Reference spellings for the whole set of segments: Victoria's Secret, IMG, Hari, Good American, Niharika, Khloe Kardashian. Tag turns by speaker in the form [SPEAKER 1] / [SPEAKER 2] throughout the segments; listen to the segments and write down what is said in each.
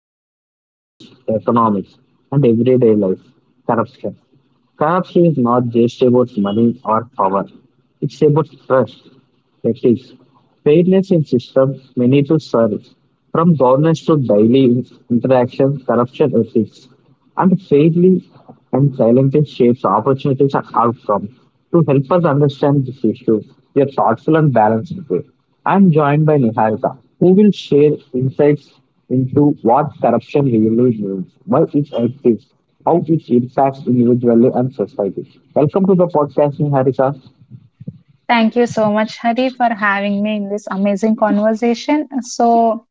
[SPEAKER 1] affects societies, economics, and everyday life: corruption. Corruption is not just about money or power; it's about trust. Next is fairness in systems we need to serve from governance to daily interaction, corruption ethics, and fairly and silently shapes opportunities and outcomes. To help us understand this issue, we are thoughtful and balanced way. I'm joined by Niharika, who will share insights into what corruption really means, why it exists, how it impacts individually and society. Welcome to the podcast, Niharika.
[SPEAKER 2] Thank you so much, Hari, for having me in this amazing conversation. So,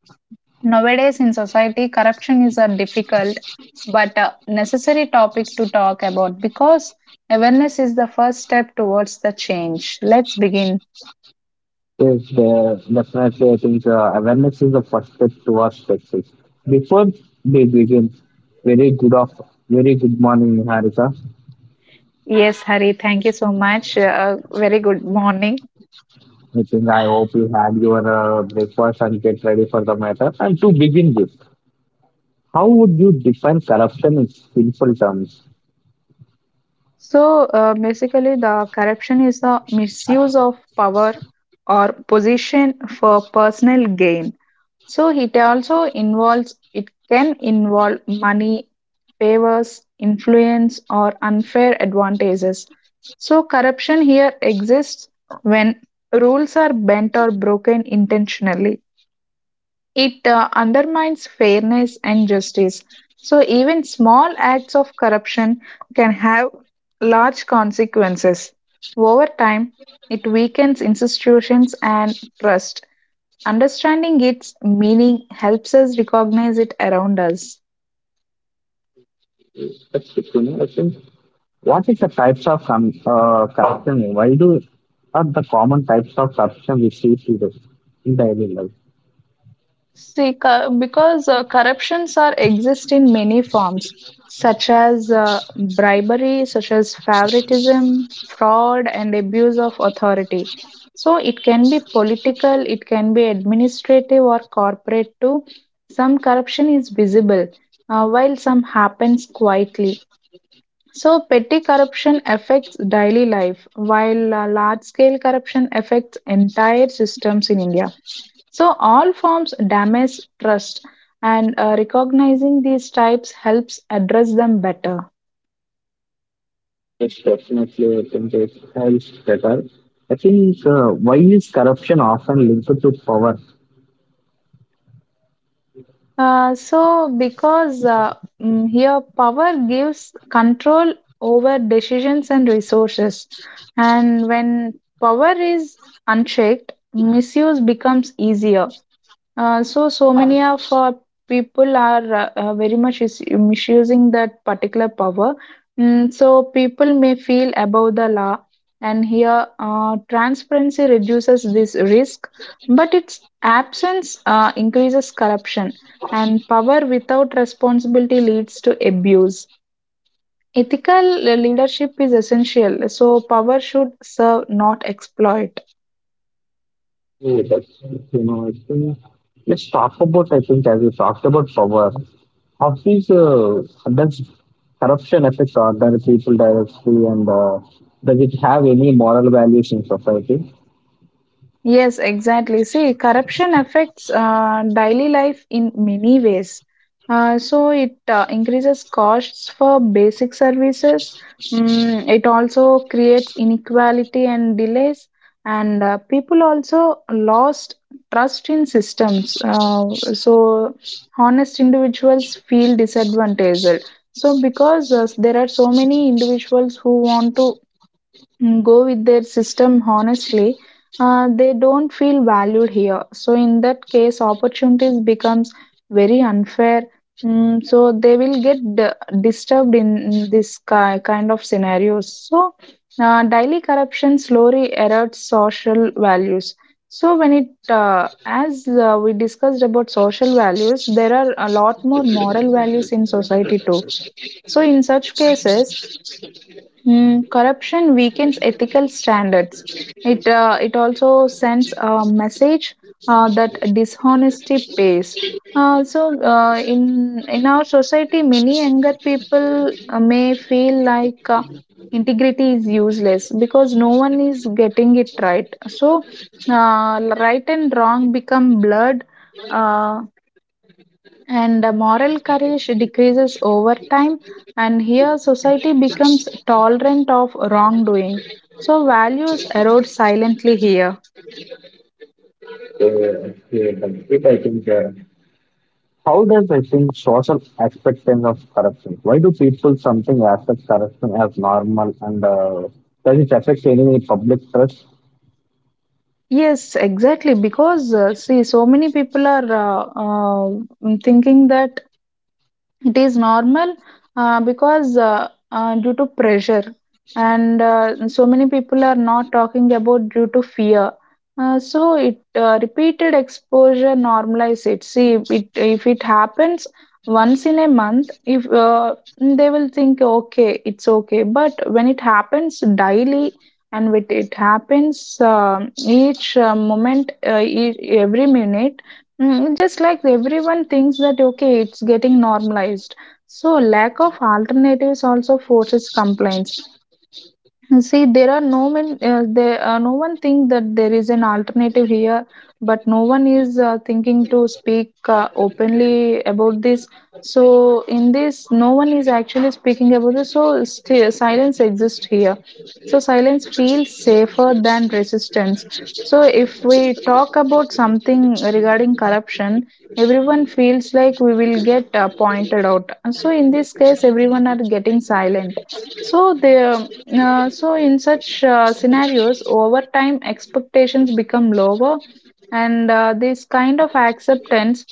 [SPEAKER 2] nowadays in society, corruption is a difficult but necessary topic to talk about because awareness is the first step towards the change. Let's begin.
[SPEAKER 1] Yes, there definitely. I think awareness is the first step towards success. Before we begin, very good of very good morning, Harika.
[SPEAKER 2] Yes, Hari, thank you so much. Very good morning.
[SPEAKER 1] I think I hope you had your breakfast and get ready for the matter. And to begin with, how would you define corruption in simple terms?
[SPEAKER 2] Basically, the corruption is the misuse of power or position for personal gain. So it also involves, it can involve money, favors, influence, or unfair advantages. So corruption here exists when rules are bent or broken intentionally. It undermines fairness and justice. So, even small acts of corruption can have large consequences. Over time, it weakens institutions and trust. Understanding its meaning helps us recognize it around us.
[SPEAKER 1] That's the thing, I think. What is the types of corruption? Why do are the common types of corruption we see today in daily life?
[SPEAKER 2] See, because corruptions are exist in many forms, such as bribery, such as favoritism, fraud, and abuse of authority. So it can be political, it can be administrative or corporate too. Some corruption is visible, while some happens quietly. So, petty corruption affects daily life, while large scale corruption affects entire systems in India. So, all forms damage trust, and recognizing these types helps address them better.
[SPEAKER 1] Yes, definitely. I think it helps better. I think why is corruption often linked to power?
[SPEAKER 2] Uh, so, because uh, Here power gives control over decisions and resources, and when power is unchecked, misuse becomes easier. So many of people are very much is misusing that particular power. So, people may feel above the law, and here transparency reduces this risk, but its absence increases corruption, and power without responsibility leads to abuse. Ethical leadership is essential, so, power should serve, not exploit.
[SPEAKER 1] Yeah, that's, you know, I think let's talk about. I think as we talked about power, how is does corruption affect ordinary people directly, and does it have any moral values in society?
[SPEAKER 2] Yes, exactly. See, corruption affects daily life in many ways. So it increases costs for basic services. Mm, it also creates inequality and delays, and people also lost trust in systems. So, honest individuals feel disadvantaged. So because there are so many individuals who want to go with their system honestly, they don't feel valued here, so in that case opportunities becomes very unfair. Mm, so they will get disturbed in this kind of scenarios, so daily corruption slowly erodes social values. So when it as we discussed about social values, there are a lot more moral values in society too. So in such cases, corruption weakens ethical standards. It also sends a message that dishonesty pays. In our society, many younger people may feel like integrity is useless because no one is getting it right. So uh, right and wrong become blurred. Uh, and Moral courage decreases over time, and here society becomes tolerant of wrongdoing, so values erode silently here.
[SPEAKER 1] Yeah, yeah, that's it. I think. How does I think social acceptance of corruption? Why do people something accept corruption as normal and does it affect any public trust?
[SPEAKER 2] Yes, exactly, because see, so many people are thinking that it is normal because due to pressure, and so many people are not talking about due to fear. So it repeated exposure normalize it. See, it if it happens once in a month, if they will think okay, it's okay. But when it happens daily, and with it happens each moment, each, every minute, just like everyone thinks that okay, it's getting normalized. So lack of alternatives also forces complaints. See, there are no men. No one think that there is an alternative here, but no one is thinking to speak openly about this. So, in this, no one is actually speaking about this. So, still, silence exists here. So, silence feels safer than resistance. So, if we talk about something regarding corruption, everyone feels like we will get pointed out. So, in this case, everyone are getting silent. So, in such scenarios, over time expectations become lower, and this kind of acceptance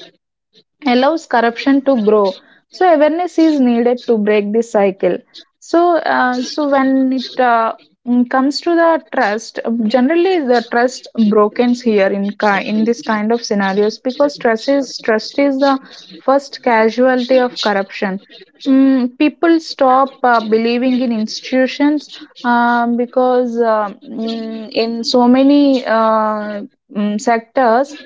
[SPEAKER 2] allows corruption to grow, so awareness is needed to break this cycle. So when it comes to the trust, generally the trust brokens here in this kind of scenarios, because trust is the first casualty of corruption. Mm, people stop believing in institutions, because in so many sectors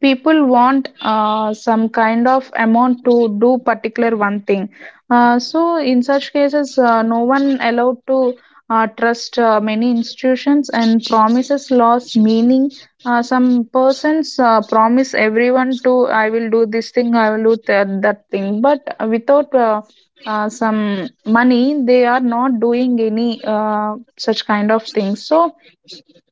[SPEAKER 2] people want some kind of amount to do particular one thing. So in such cases, no one allowed to trust many institutions, and promises lost meaning. Some persons promise everyone to, I will do this thing, I will do that thing, but without some money they are not doing any such kind of things. So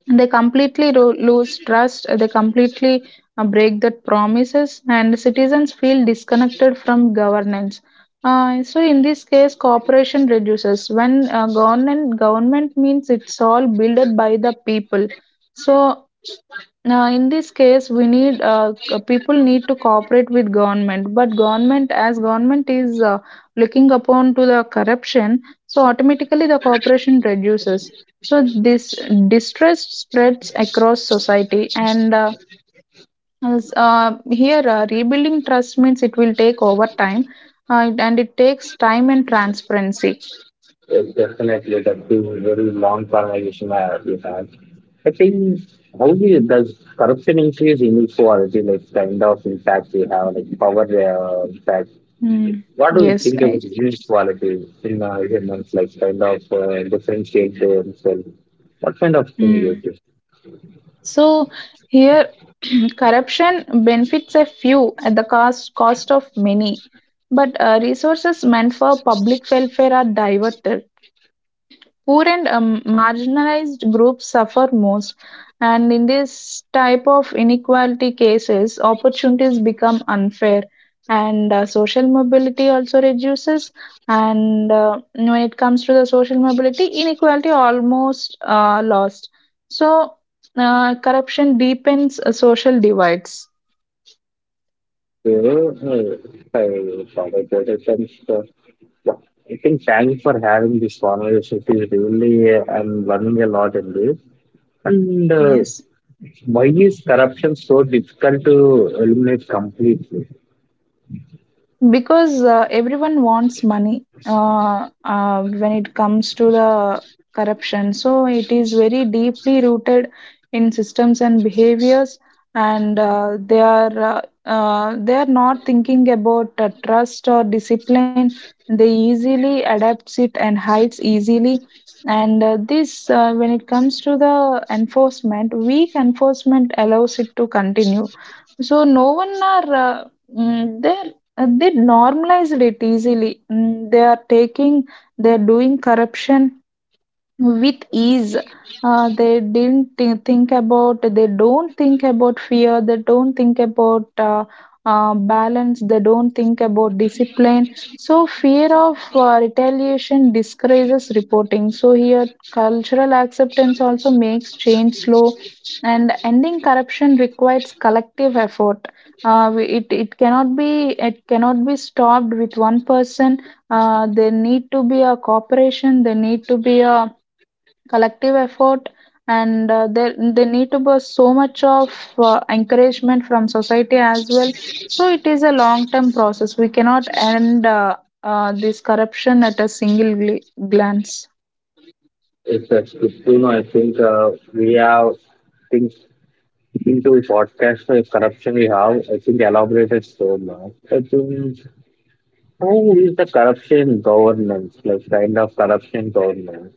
[SPEAKER 2] they completely lose trust, they completely break that promises, and citizens feel disconnected from governance. So, in this case, cooperation reduces. When government means it's all builded by the people. So, now, in this case, we need people need to cooperate with government, but government is looking upon to the corruption, so automatically the cooperation reduces. So this distrust spreads across society, and as, here rebuilding trust means it will take over time, and it takes time and transparency.
[SPEAKER 1] Yes, definitely. That's a very long conversation I we had. I think how we, does corruption increase inequality, like kind of impact we have, like power impact.
[SPEAKER 2] Mm.
[SPEAKER 1] What do you
[SPEAKER 2] Yes,
[SPEAKER 1] think
[SPEAKER 2] I.
[SPEAKER 1] about inequality in humans, like kind of differentiate themselves? What kind of thing is
[SPEAKER 2] Hmm.
[SPEAKER 1] this?
[SPEAKER 2] So here corruption benefits a few at the cost of many, but resources meant for public welfare are diverted. Poor and marginalized groups suffer most, and in this type of inequality cases opportunities become unfair, and social mobility also reduces. And when it comes to the social mobility, inequality almost lost. So corruption deepens social divides.
[SPEAKER 1] So, I follow that essence. Yeah, I think thanks for having this conversation. It is really, I'm learning a lot in this. And
[SPEAKER 2] Yes,
[SPEAKER 1] why is corruption so difficult to eliminate completely?
[SPEAKER 2] because everyone wants money. When it comes to the corruption, so it is very deeply rooted in systems and behaviors, and they are not thinking about trust or discipline. They easily adapts it and hides easily. And this when it comes to the enforcement, weak enforcement allows it to continue. So no one are mm, there they normalized it easily. Mm, they are taking, they are doing corruption with ease. They don't think about fear, they don't think about balance, they don't think about discipline. So fear of retaliation discourages reporting, so here cultural acceptance also makes change slow, and ending corruption requires collective effort. It, it cannot be stopped with one person. There need to be a cooperation, there need to be a collective effort, and there they need to be so much of encouragement from society as well. So it is a long term process, we cannot end this corruption at a single glance.
[SPEAKER 1] It's a you know, I think we have think into podcast corruption we have. I think elaborated so much. I think how is the corruption governance, like kind of corruption governance?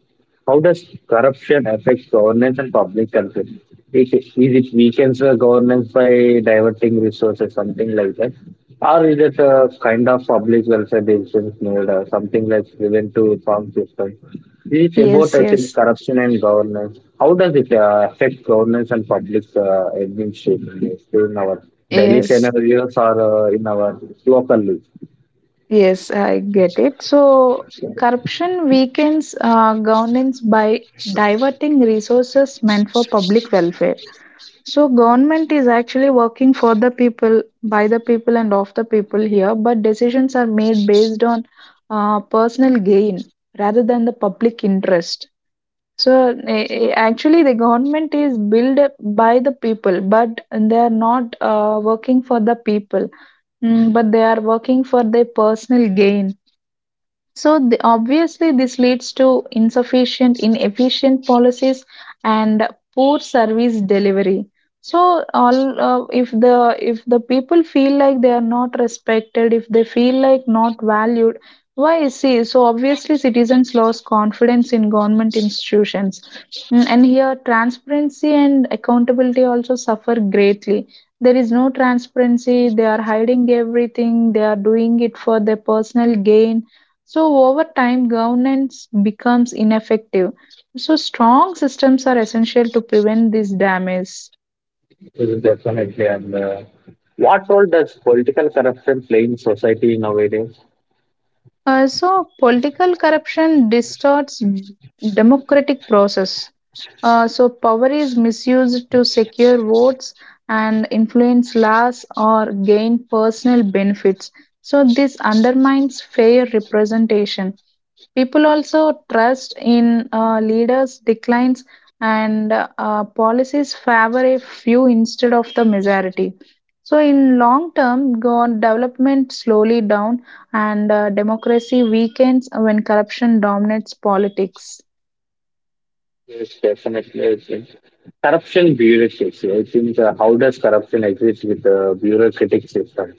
[SPEAKER 1] How does corruption affect governance and public control? Is it weakens the governance by diverting resources, something like that? Or is it a kind of public welfare decisions made, or something like prevent to farm system? Is it about,
[SPEAKER 2] Yes,
[SPEAKER 1] I think,
[SPEAKER 2] yes.
[SPEAKER 1] corruption and governance? How does it affect governance and public administration in our daily
[SPEAKER 2] Yes,
[SPEAKER 1] scenarios or in our local life?
[SPEAKER 2] yes, I get it. So, corruption weakens governance by diverting resources meant for public welfare. So government is actually working for the people, by the people, and of the people here, but decisions are made based on personal gain rather than the public interest. So actually, the government is built by the people, but they are not working for the people, Mm, but they are working for their personal gain. So the, obviously, this leads to insufficient, inefficient policies and poor service delivery. So all if the people feel like they are not respected, if they feel like not valued, why is see? So obviously, citizens lose confidence in government institutions, Mm, and here transparency and accountability also suffer greatly. There is no transparency. They are hiding everything. They are doing it for their personal gain, so, over time, governance becomes ineffective. So, strong systems are essential to prevent this damage.
[SPEAKER 1] Mm, definitely. And what role does political corruption play in society nowadays?
[SPEAKER 2] Political corruption distorts democratic process. Power is misused to secure votes and influence laws or gain personal benefits. So, this undermines fair representation. People also trust in leaders declines, and policies favor a few instead of the majority. So in long term, go development slowly down, and democracy weakens when corruption dominates politics.
[SPEAKER 1] Yes, definitely. I think. Corruption bureaucracy. I think how does corruption exist with the bureaucratic system?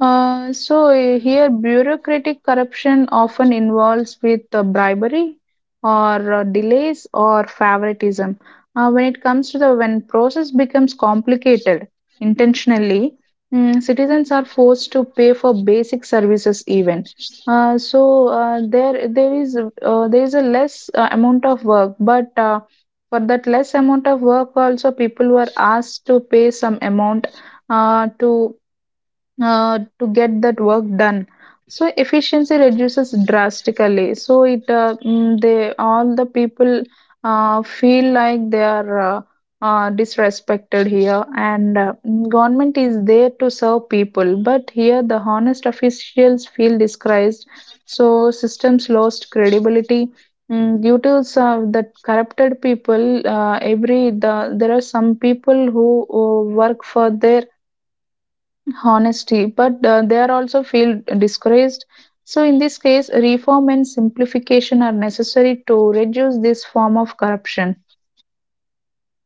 [SPEAKER 2] So here, bureaucratic corruption often involves with bribery or delays or favoritism. When it comes to the when process becomes complicated intentionally, mm, citizens are forced to pay for basic services even. There is a less amount of work, but for that less amount of work also people were asked to pay some amount uh, to to get that work done. So efficiency reduces drastically. They all the people feel like they are disrespected here, and government is there to serve people, but here the honest officials feel disgraced, so systems lost credibility. Mm, due to some that corrupted people, every the there are some people who work for their honesty, but they are also feel discouraged. So, in this case, reform and simplification are necessary to reduce this form of corruption.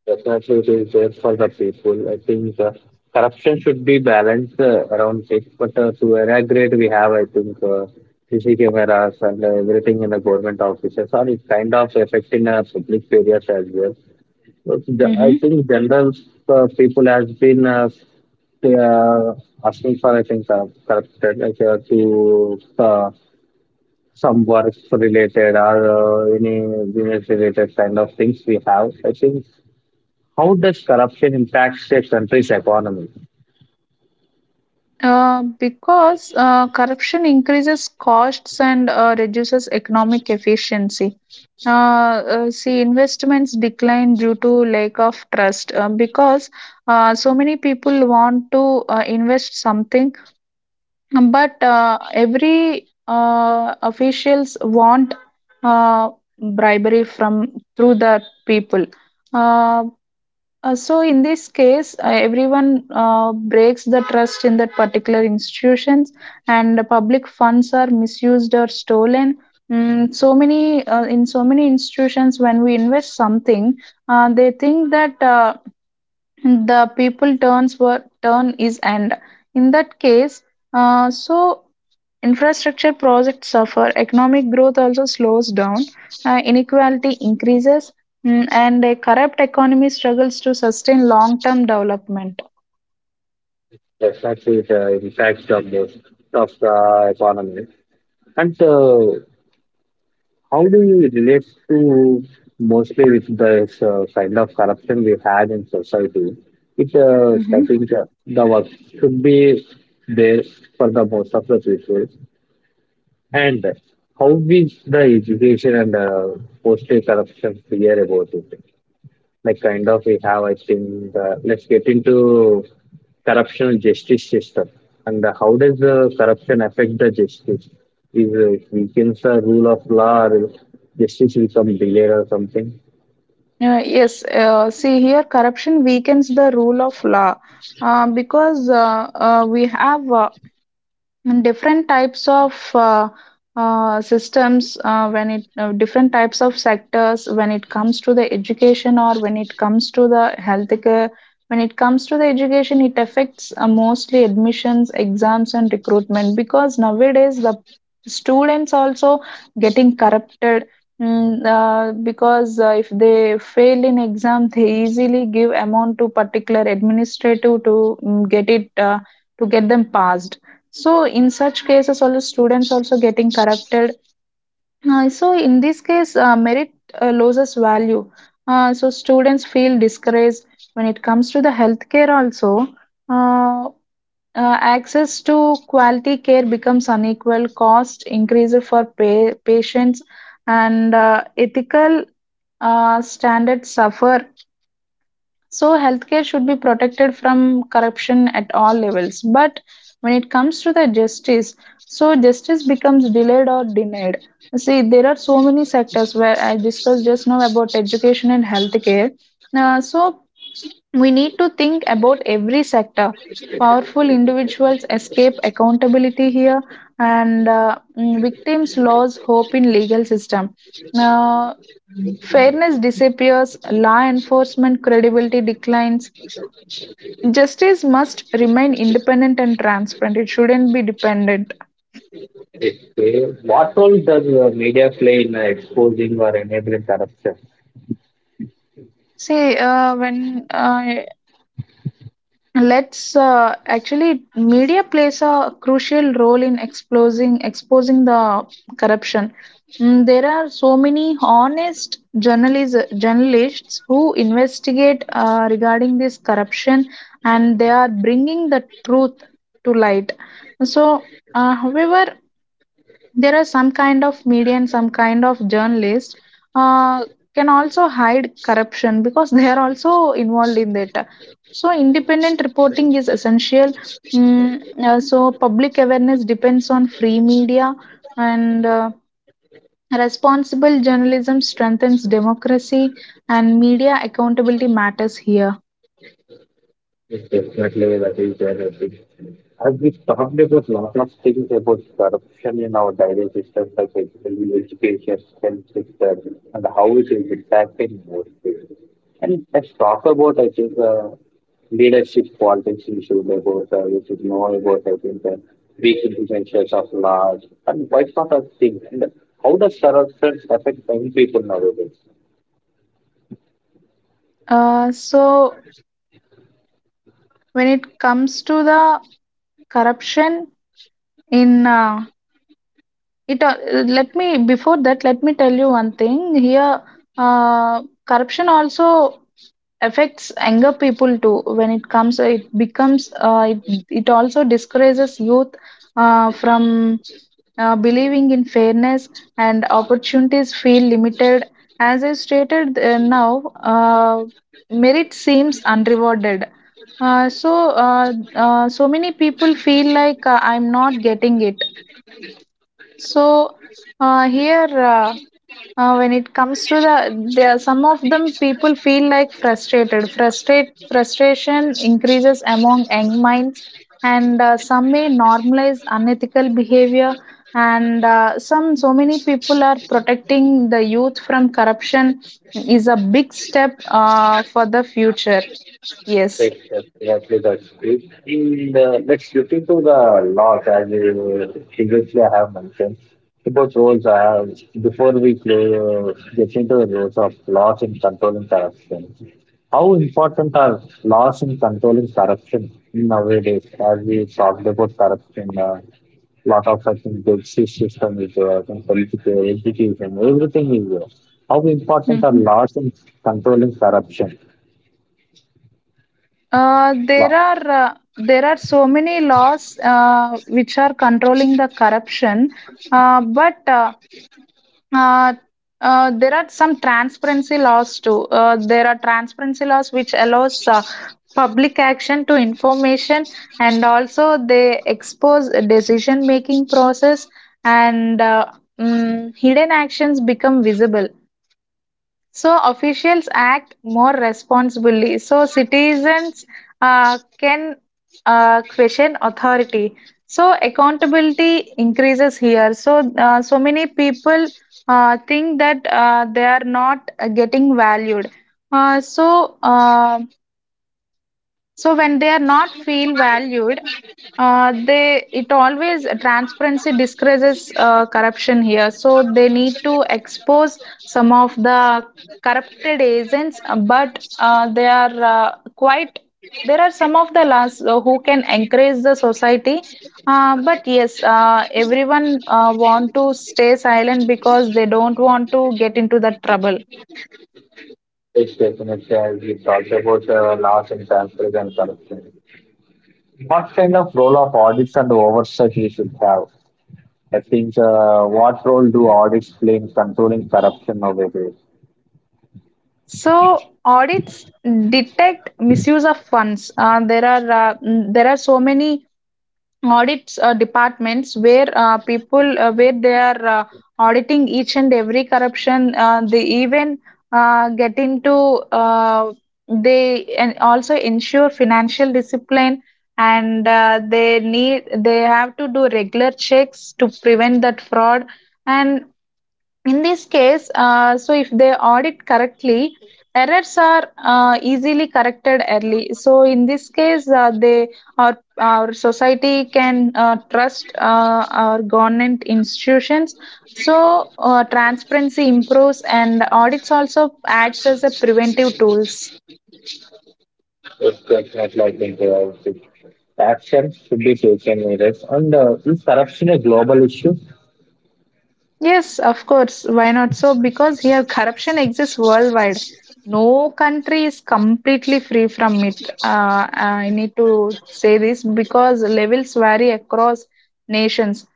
[SPEAKER 1] Definitely, it is there for the people. I think corruption should be balanced around it, but to an aggregate, we have, I think, CC cameras and everything in the government offices, or it kind of affecting public areas as well. Well, I
[SPEAKER 2] hmm
[SPEAKER 1] think general people has been they are asking for I think corrupted like to some work related or any business related kind of things we have. I think how does corruption impact a country's economy?
[SPEAKER 2] Because corruption increases costs and reduces economic efficiency. See, investments decline due to lack of trust because so many people want to invest something but every officials want uh, bribery from through the people, uh, so in this case everyone breaks the trust in that particular institutions, and the public funds are misused or stolen. So many in so many institutions when we invest something, they think that the people turn is end in that case. So infrastructure projects suffer, economic growth also slows down, inequality increases, and a corrupt economy struggles to sustain long term development.
[SPEAKER 1] Definitely, it impacts the most of the economy. And how do you relate to mostly with this kind of corruption we had in society? It I
[SPEAKER 2] Mhm.
[SPEAKER 1] think the work should be there for the most of the people, and how is the education and mostly corruption fear about it? Like kind of we have I think let's get into corruption and justice system and how does the corruption affect the justice, is it weakens the rule of law or justice become delayed or something.
[SPEAKER 2] Yes, see here, corruption weakens the rule of law because we have and different types of systems. When it, different types of sectors when it comes to the education or when it comes to the healthcare, when it comes to the education, it affects mostly admissions, exams and recruitment, because nowadays the students also getting corrupted. Because if they fail in exam, they easily give amount to particular administrative to get it, to get them passed. So in such cases, also students also getting corrupted. So in this case, merit loses value. So students feel discouraged. When it comes to the healthcare, also, uh, access to quality care becomes unequal. Cost increases for patients, and ethical standards suffer. So healthcare should be protected from corruption at all levels. But when it comes to the justice, so justice becomes delayed or denied. See, there are so many sectors where I discussed just now about education and healthcare. So we need to think about every sector. Powerful individuals escape accountability here, and victims lose hope in legal system. Now, fairness disappears, law enforcement credibility declines. Justice must remain independent and transparent. It shouldn't be dependent.
[SPEAKER 1] Okay. What role does media play in exposing or enabling corruption?
[SPEAKER 2] See, when let's actually, media plays a crucial role in exposing the corruption. There are so many honest journalists who investigate regarding this corruption, and they are bringing the truth to light. So, however, there are some kind of media and some kind of journalists uh, can also hide corruption because they are also involved in that. So independent reporting is essential. So public awareness depends on free media, and responsible journalism strengthens democracy, and media accountability matters here.
[SPEAKER 1] Yes, definitely, that is there. I think. As we talked about lot of things about corruption in our daily system, like education, health system, and how it is impacting more people. And let's talk about, I think, leadership politics issues about, you should know about, I think, the big influences of large and quite sort of things. And how does corruption affect young people nowadays?
[SPEAKER 2] So when it comes to the corruption in It let me, before that, let me tell you one thing here. Corruption also affects younger people too. When it comes, it becomes it it also discourages youth from believing in fairness, and opportunities feel limited. As I stated now, uh, merit seems unrewarded. So many people feel like, I'm not getting it. So, uh, here, uh, when it comes to the, there are some of them people feel like frustrated. Frustration increases among young minds, and some may normalize unethical behavior. And so many people are protecting the youth from corruption is a big step for the future. Yes.
[SPEAKER 1] Ex- Exactly, that's it. And let's look into the laws as you previously I have mentioned about roles. I have before we play, get into the roles of laws in controlling corruption. How important are laws in controlling corruption nowadays? As we talked about corruption, lot of I think justice system is there, and political education, everything is there. How important are
[SPEAKER 2] Mm-hmm.
[SPEAKER 1] laws in controlling corruption?
[SPEAKER 2] There are so many laws which are controlling the corruption, but uh, there are some transparency laws too. There are transparency laws which allows public action to information, and also they expose decision making process, and hidden actions become visible. So officials act more responsibly. So citizens can question authority. So accountability increases here. So so many people think that they are not getting valued. Uh, so. um so when they are not feel valued, they it always transparency discourages corruption here, so they need to expose some of the corrupted agents, but they are quite, there are some of the laws who can encourage the society, but yes, everyone want to stay silent because they don't want to get into the trouble.
[SPEAKER 1] Each we talked about laws and transparency and corruption. What kind of role of audits and oversight we should have? I think what role do audits play in controlling corruption nowadays?
[SPEAKER 2] So audits detect misuse of funds. There are so many audits departments where people where they are auditing each and every corruption. They even get into uh, they and also ensure financial discipline, and they have to do regular checks to prevent that fraud. And in this case, so if they audit correctly, errors are easily corrected early. So in this case, they, our society can trust our government institutions. So transparency improves, and audits also acts as a preventive tools.
[SPEAKER 1] It's definitely, I think, the actions should be taken with it. And is corruption a global issue?
[SPEAKER 2] Yes, of course. Why not? So, because here corruption exists worldwide. No country is completely free from it. I need to say this because levels vary across nations.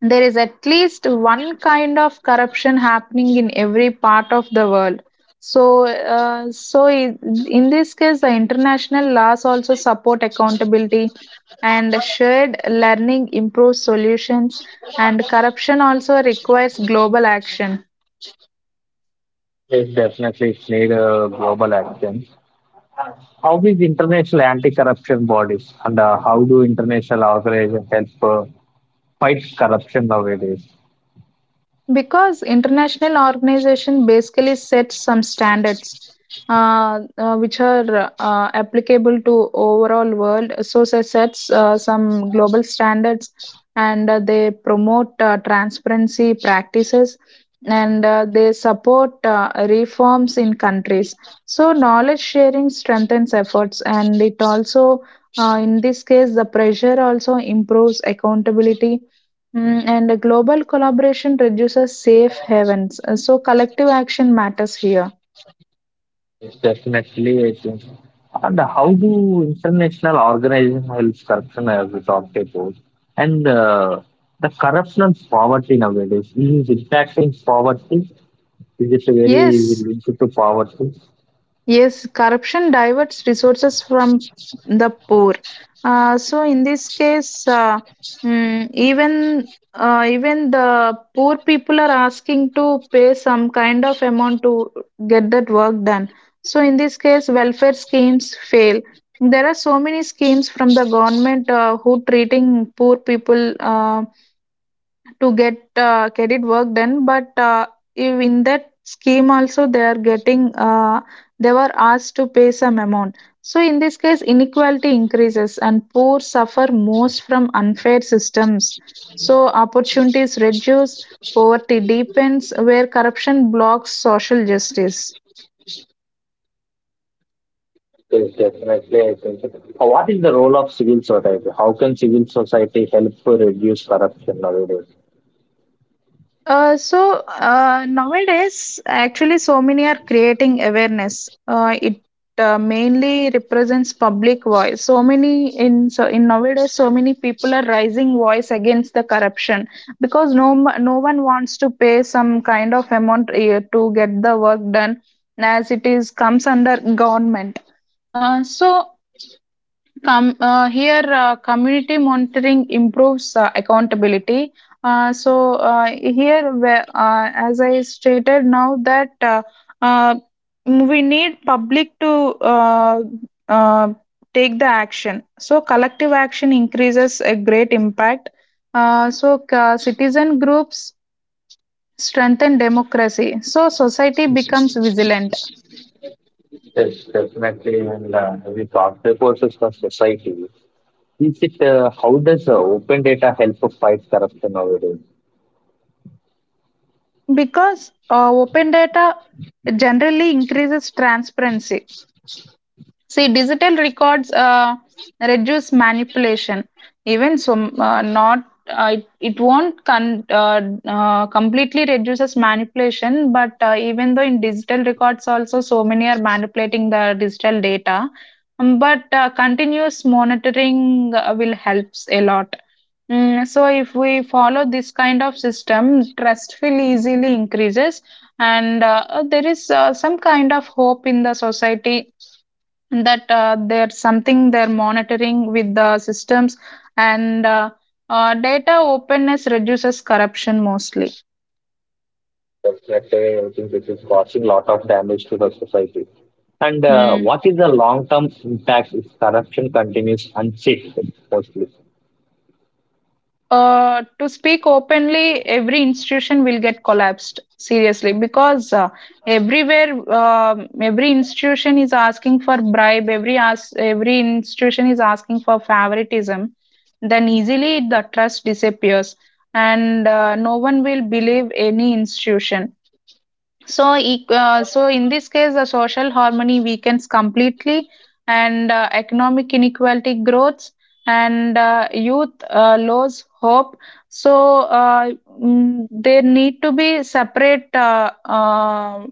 [SPEAKER 2] There is at least one kind of corruption happening in every part of the world. So, uh, so i- in this case, the international laws also support accountability, and shared learning improves solutions. And corruption also requires global action.
[SPEAKER 1] Yes, definitely, it's need global action. How is international anti-corruption bodies and how do international organizations help fight corruption nowadays?
[SPEAKER 2] Because international organization basically sets some standards which are applicable to overall world. So it sets some global standards, and they promote transparency practices, and they support reforms in countries. So knowledge sharing strengthens efforts, and it also, in this case, the pressure also improves accountability. And a global collaboration reduces safe havens. So collective action matters here.
[SPEAKER 1] Yes, definitely. I think. And how do international organizations help corruption as we top about? And the corruption and poverty nowadays, is it impacting poverty? Is it very is it
[SPEAKER 2] Yes,
[SPEAKER 1] linked to poverty?
[SPEAKER 2] yes, corruption diverts resources from the poor. So in this case, mm, Even even the poor people are asking to pay some kind of amount to get that work done. So in this case, welfare schemes fail. There are so many schemes from the government who treating poor people um to get credit work done, but if in that scheme also they are getting they were asked to pay some amount. So in this case, inequality increases, and poor suffer most from unfair systems, so opportunities reduce. Poverty deepens where corruption blocks social justice.
[SPEAKER 1] Yes, definitely. I think. What is the role of civil society? How can civil society help to reduce corruption nowadays?
[SPEAKER 2] Nowadays, actually, so many are creating awareness. It mainly represents public voice. So many, in so in nowadays, so many people are rising voice against the corruption because no one wants to pay some kind of amount to get the work done, as it is comes under government. So Com Here, community monitoring improves accountability. Here, where, as I stated now that, uh, we need public to uh, uh, take the action. So collective action increases a great impact. Citizen groups strengthen democracy. So society becomes vigilant
[SPEAKER 1] Yes, definitely. And we talked about the society. Is it how does open data help to fight corruption nowadays?
[SPEAKER 2] because open data generally increases transparency. See, digital records reduce manipulation. Even so, not it won't con- completely reduces manipulation. But even though in digital records also, so many are manipulating the digital data. But Continuous monitoring will helps a lot. So if we follow this kind of system, trust will easily increases, and there is some kind of hope in the society that there's something they're monitoring with the systems, and data openness reduces corruption mostly.
[SPEAKER 1] Definitely, I think it is causing a lot of damage to the society. And
[SPEAKER 2] Hmm.
[SPEAKER 1] what is the long term impact if corruption continues unchecked mostly?
[SPEAKER 2] To speak openly, every institution will get collapsed seriously because everywhere, every institution is asking for bribe. Every, as every institution is asking for favoritism. Then easily the trust disappears, and no one will believe any institution. So in this case, the social harmony weakens completely, and economic inequality grows, and youth lose hope. So, there need to be separate uh, uh,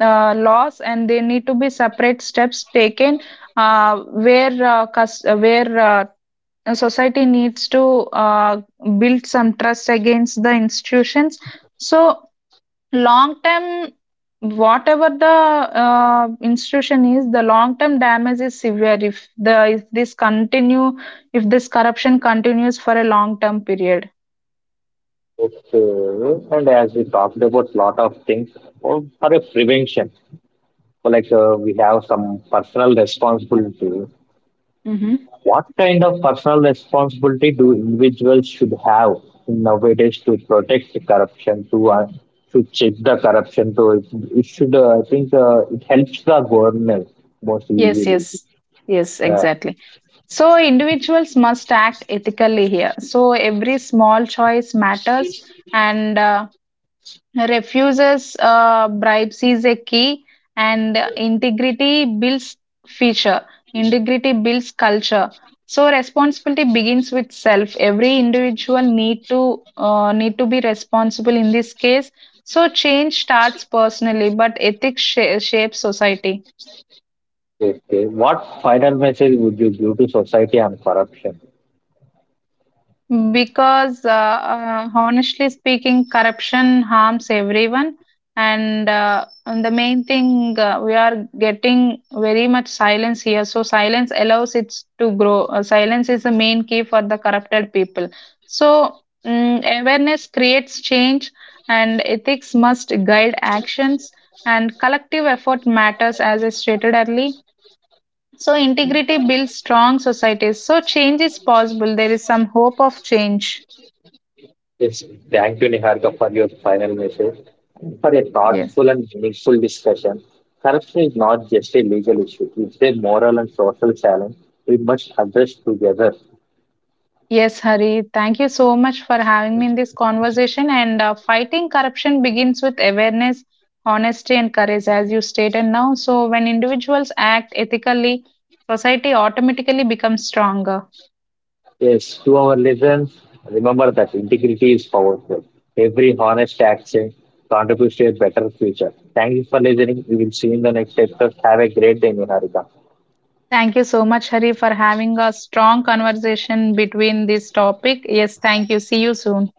[SPEAKER 2] uh, laws, and there need to be separate steps taken where society needs to build some trust against the institutions. So long term, whatever the institution is, the long term damage is severe if this continue, if this corruption continues for a long term period.
[SPEAKER 1] Okay. And as we talked about lot of things, or for a prevention, so like we have some personal responsibility.
[SPEAKER 2] Mm-hmm.
[SPEAKER 1] What kind of personal responsibility do individuals should have nowadays to protect the corruption, to check the corruption? To it, it should, I think, it helps the government most
[SPEAKER 2] Yes,
[SPEAKER 1] easily.
[SPEAKER 2] yes, yes,
[SPEAKER 1] Yeah.
[SPEAKER 2] exactly. So individuals must act ethically here, so every small choice matters, and refuses bribes is a key, and integrity builds feature. Integrity builds culture. So responsibility begins with self. Every individual need to be responsible in this case. So change starts personally, but ethics shapes society.
[SPEAKER 1] Okay. Okay. What final message would you give to society on corruption?
[SPEAKER 2] Because honestly speaking, corruption harms everyone, and, the main thing we are getting very much silence here. So silence allows it to grow. Silence is the main key for the corrupted people. So awareness creates change, and ethics must guide actions, and collective effort matters, as I stated earlier. So integrity builds strong societies. So change is possible. There is some hope of change.
[SPEAKER 1] Yes. Thank you, Niharika, for your final message and for a
[SPEAKER 2] Yes.
[SPEAKER 1] thoughtful and meaningful discussion. Corruption is not just a legal issue; it's a moral and social challenge we must address together.
[SPEAKER 2] Yes, Hari. Thank you so much for having me in this conversation. And fighting corruption begins with awareness, honesty, and courage, as you stated now. So, when individuals act ethically, society automatically becomes stronger.
[SPEAKER 1] Yes, to our listeners, remember that integrity is powerful. Every honest action contributes to a better future. Thank you for listening. We will see you in the next episode. Have a great day, Niharika.
[SPEAKER 2] Thank you so much, Hari, for having a strong conversation between this topic. Yes, thank you. See you soon.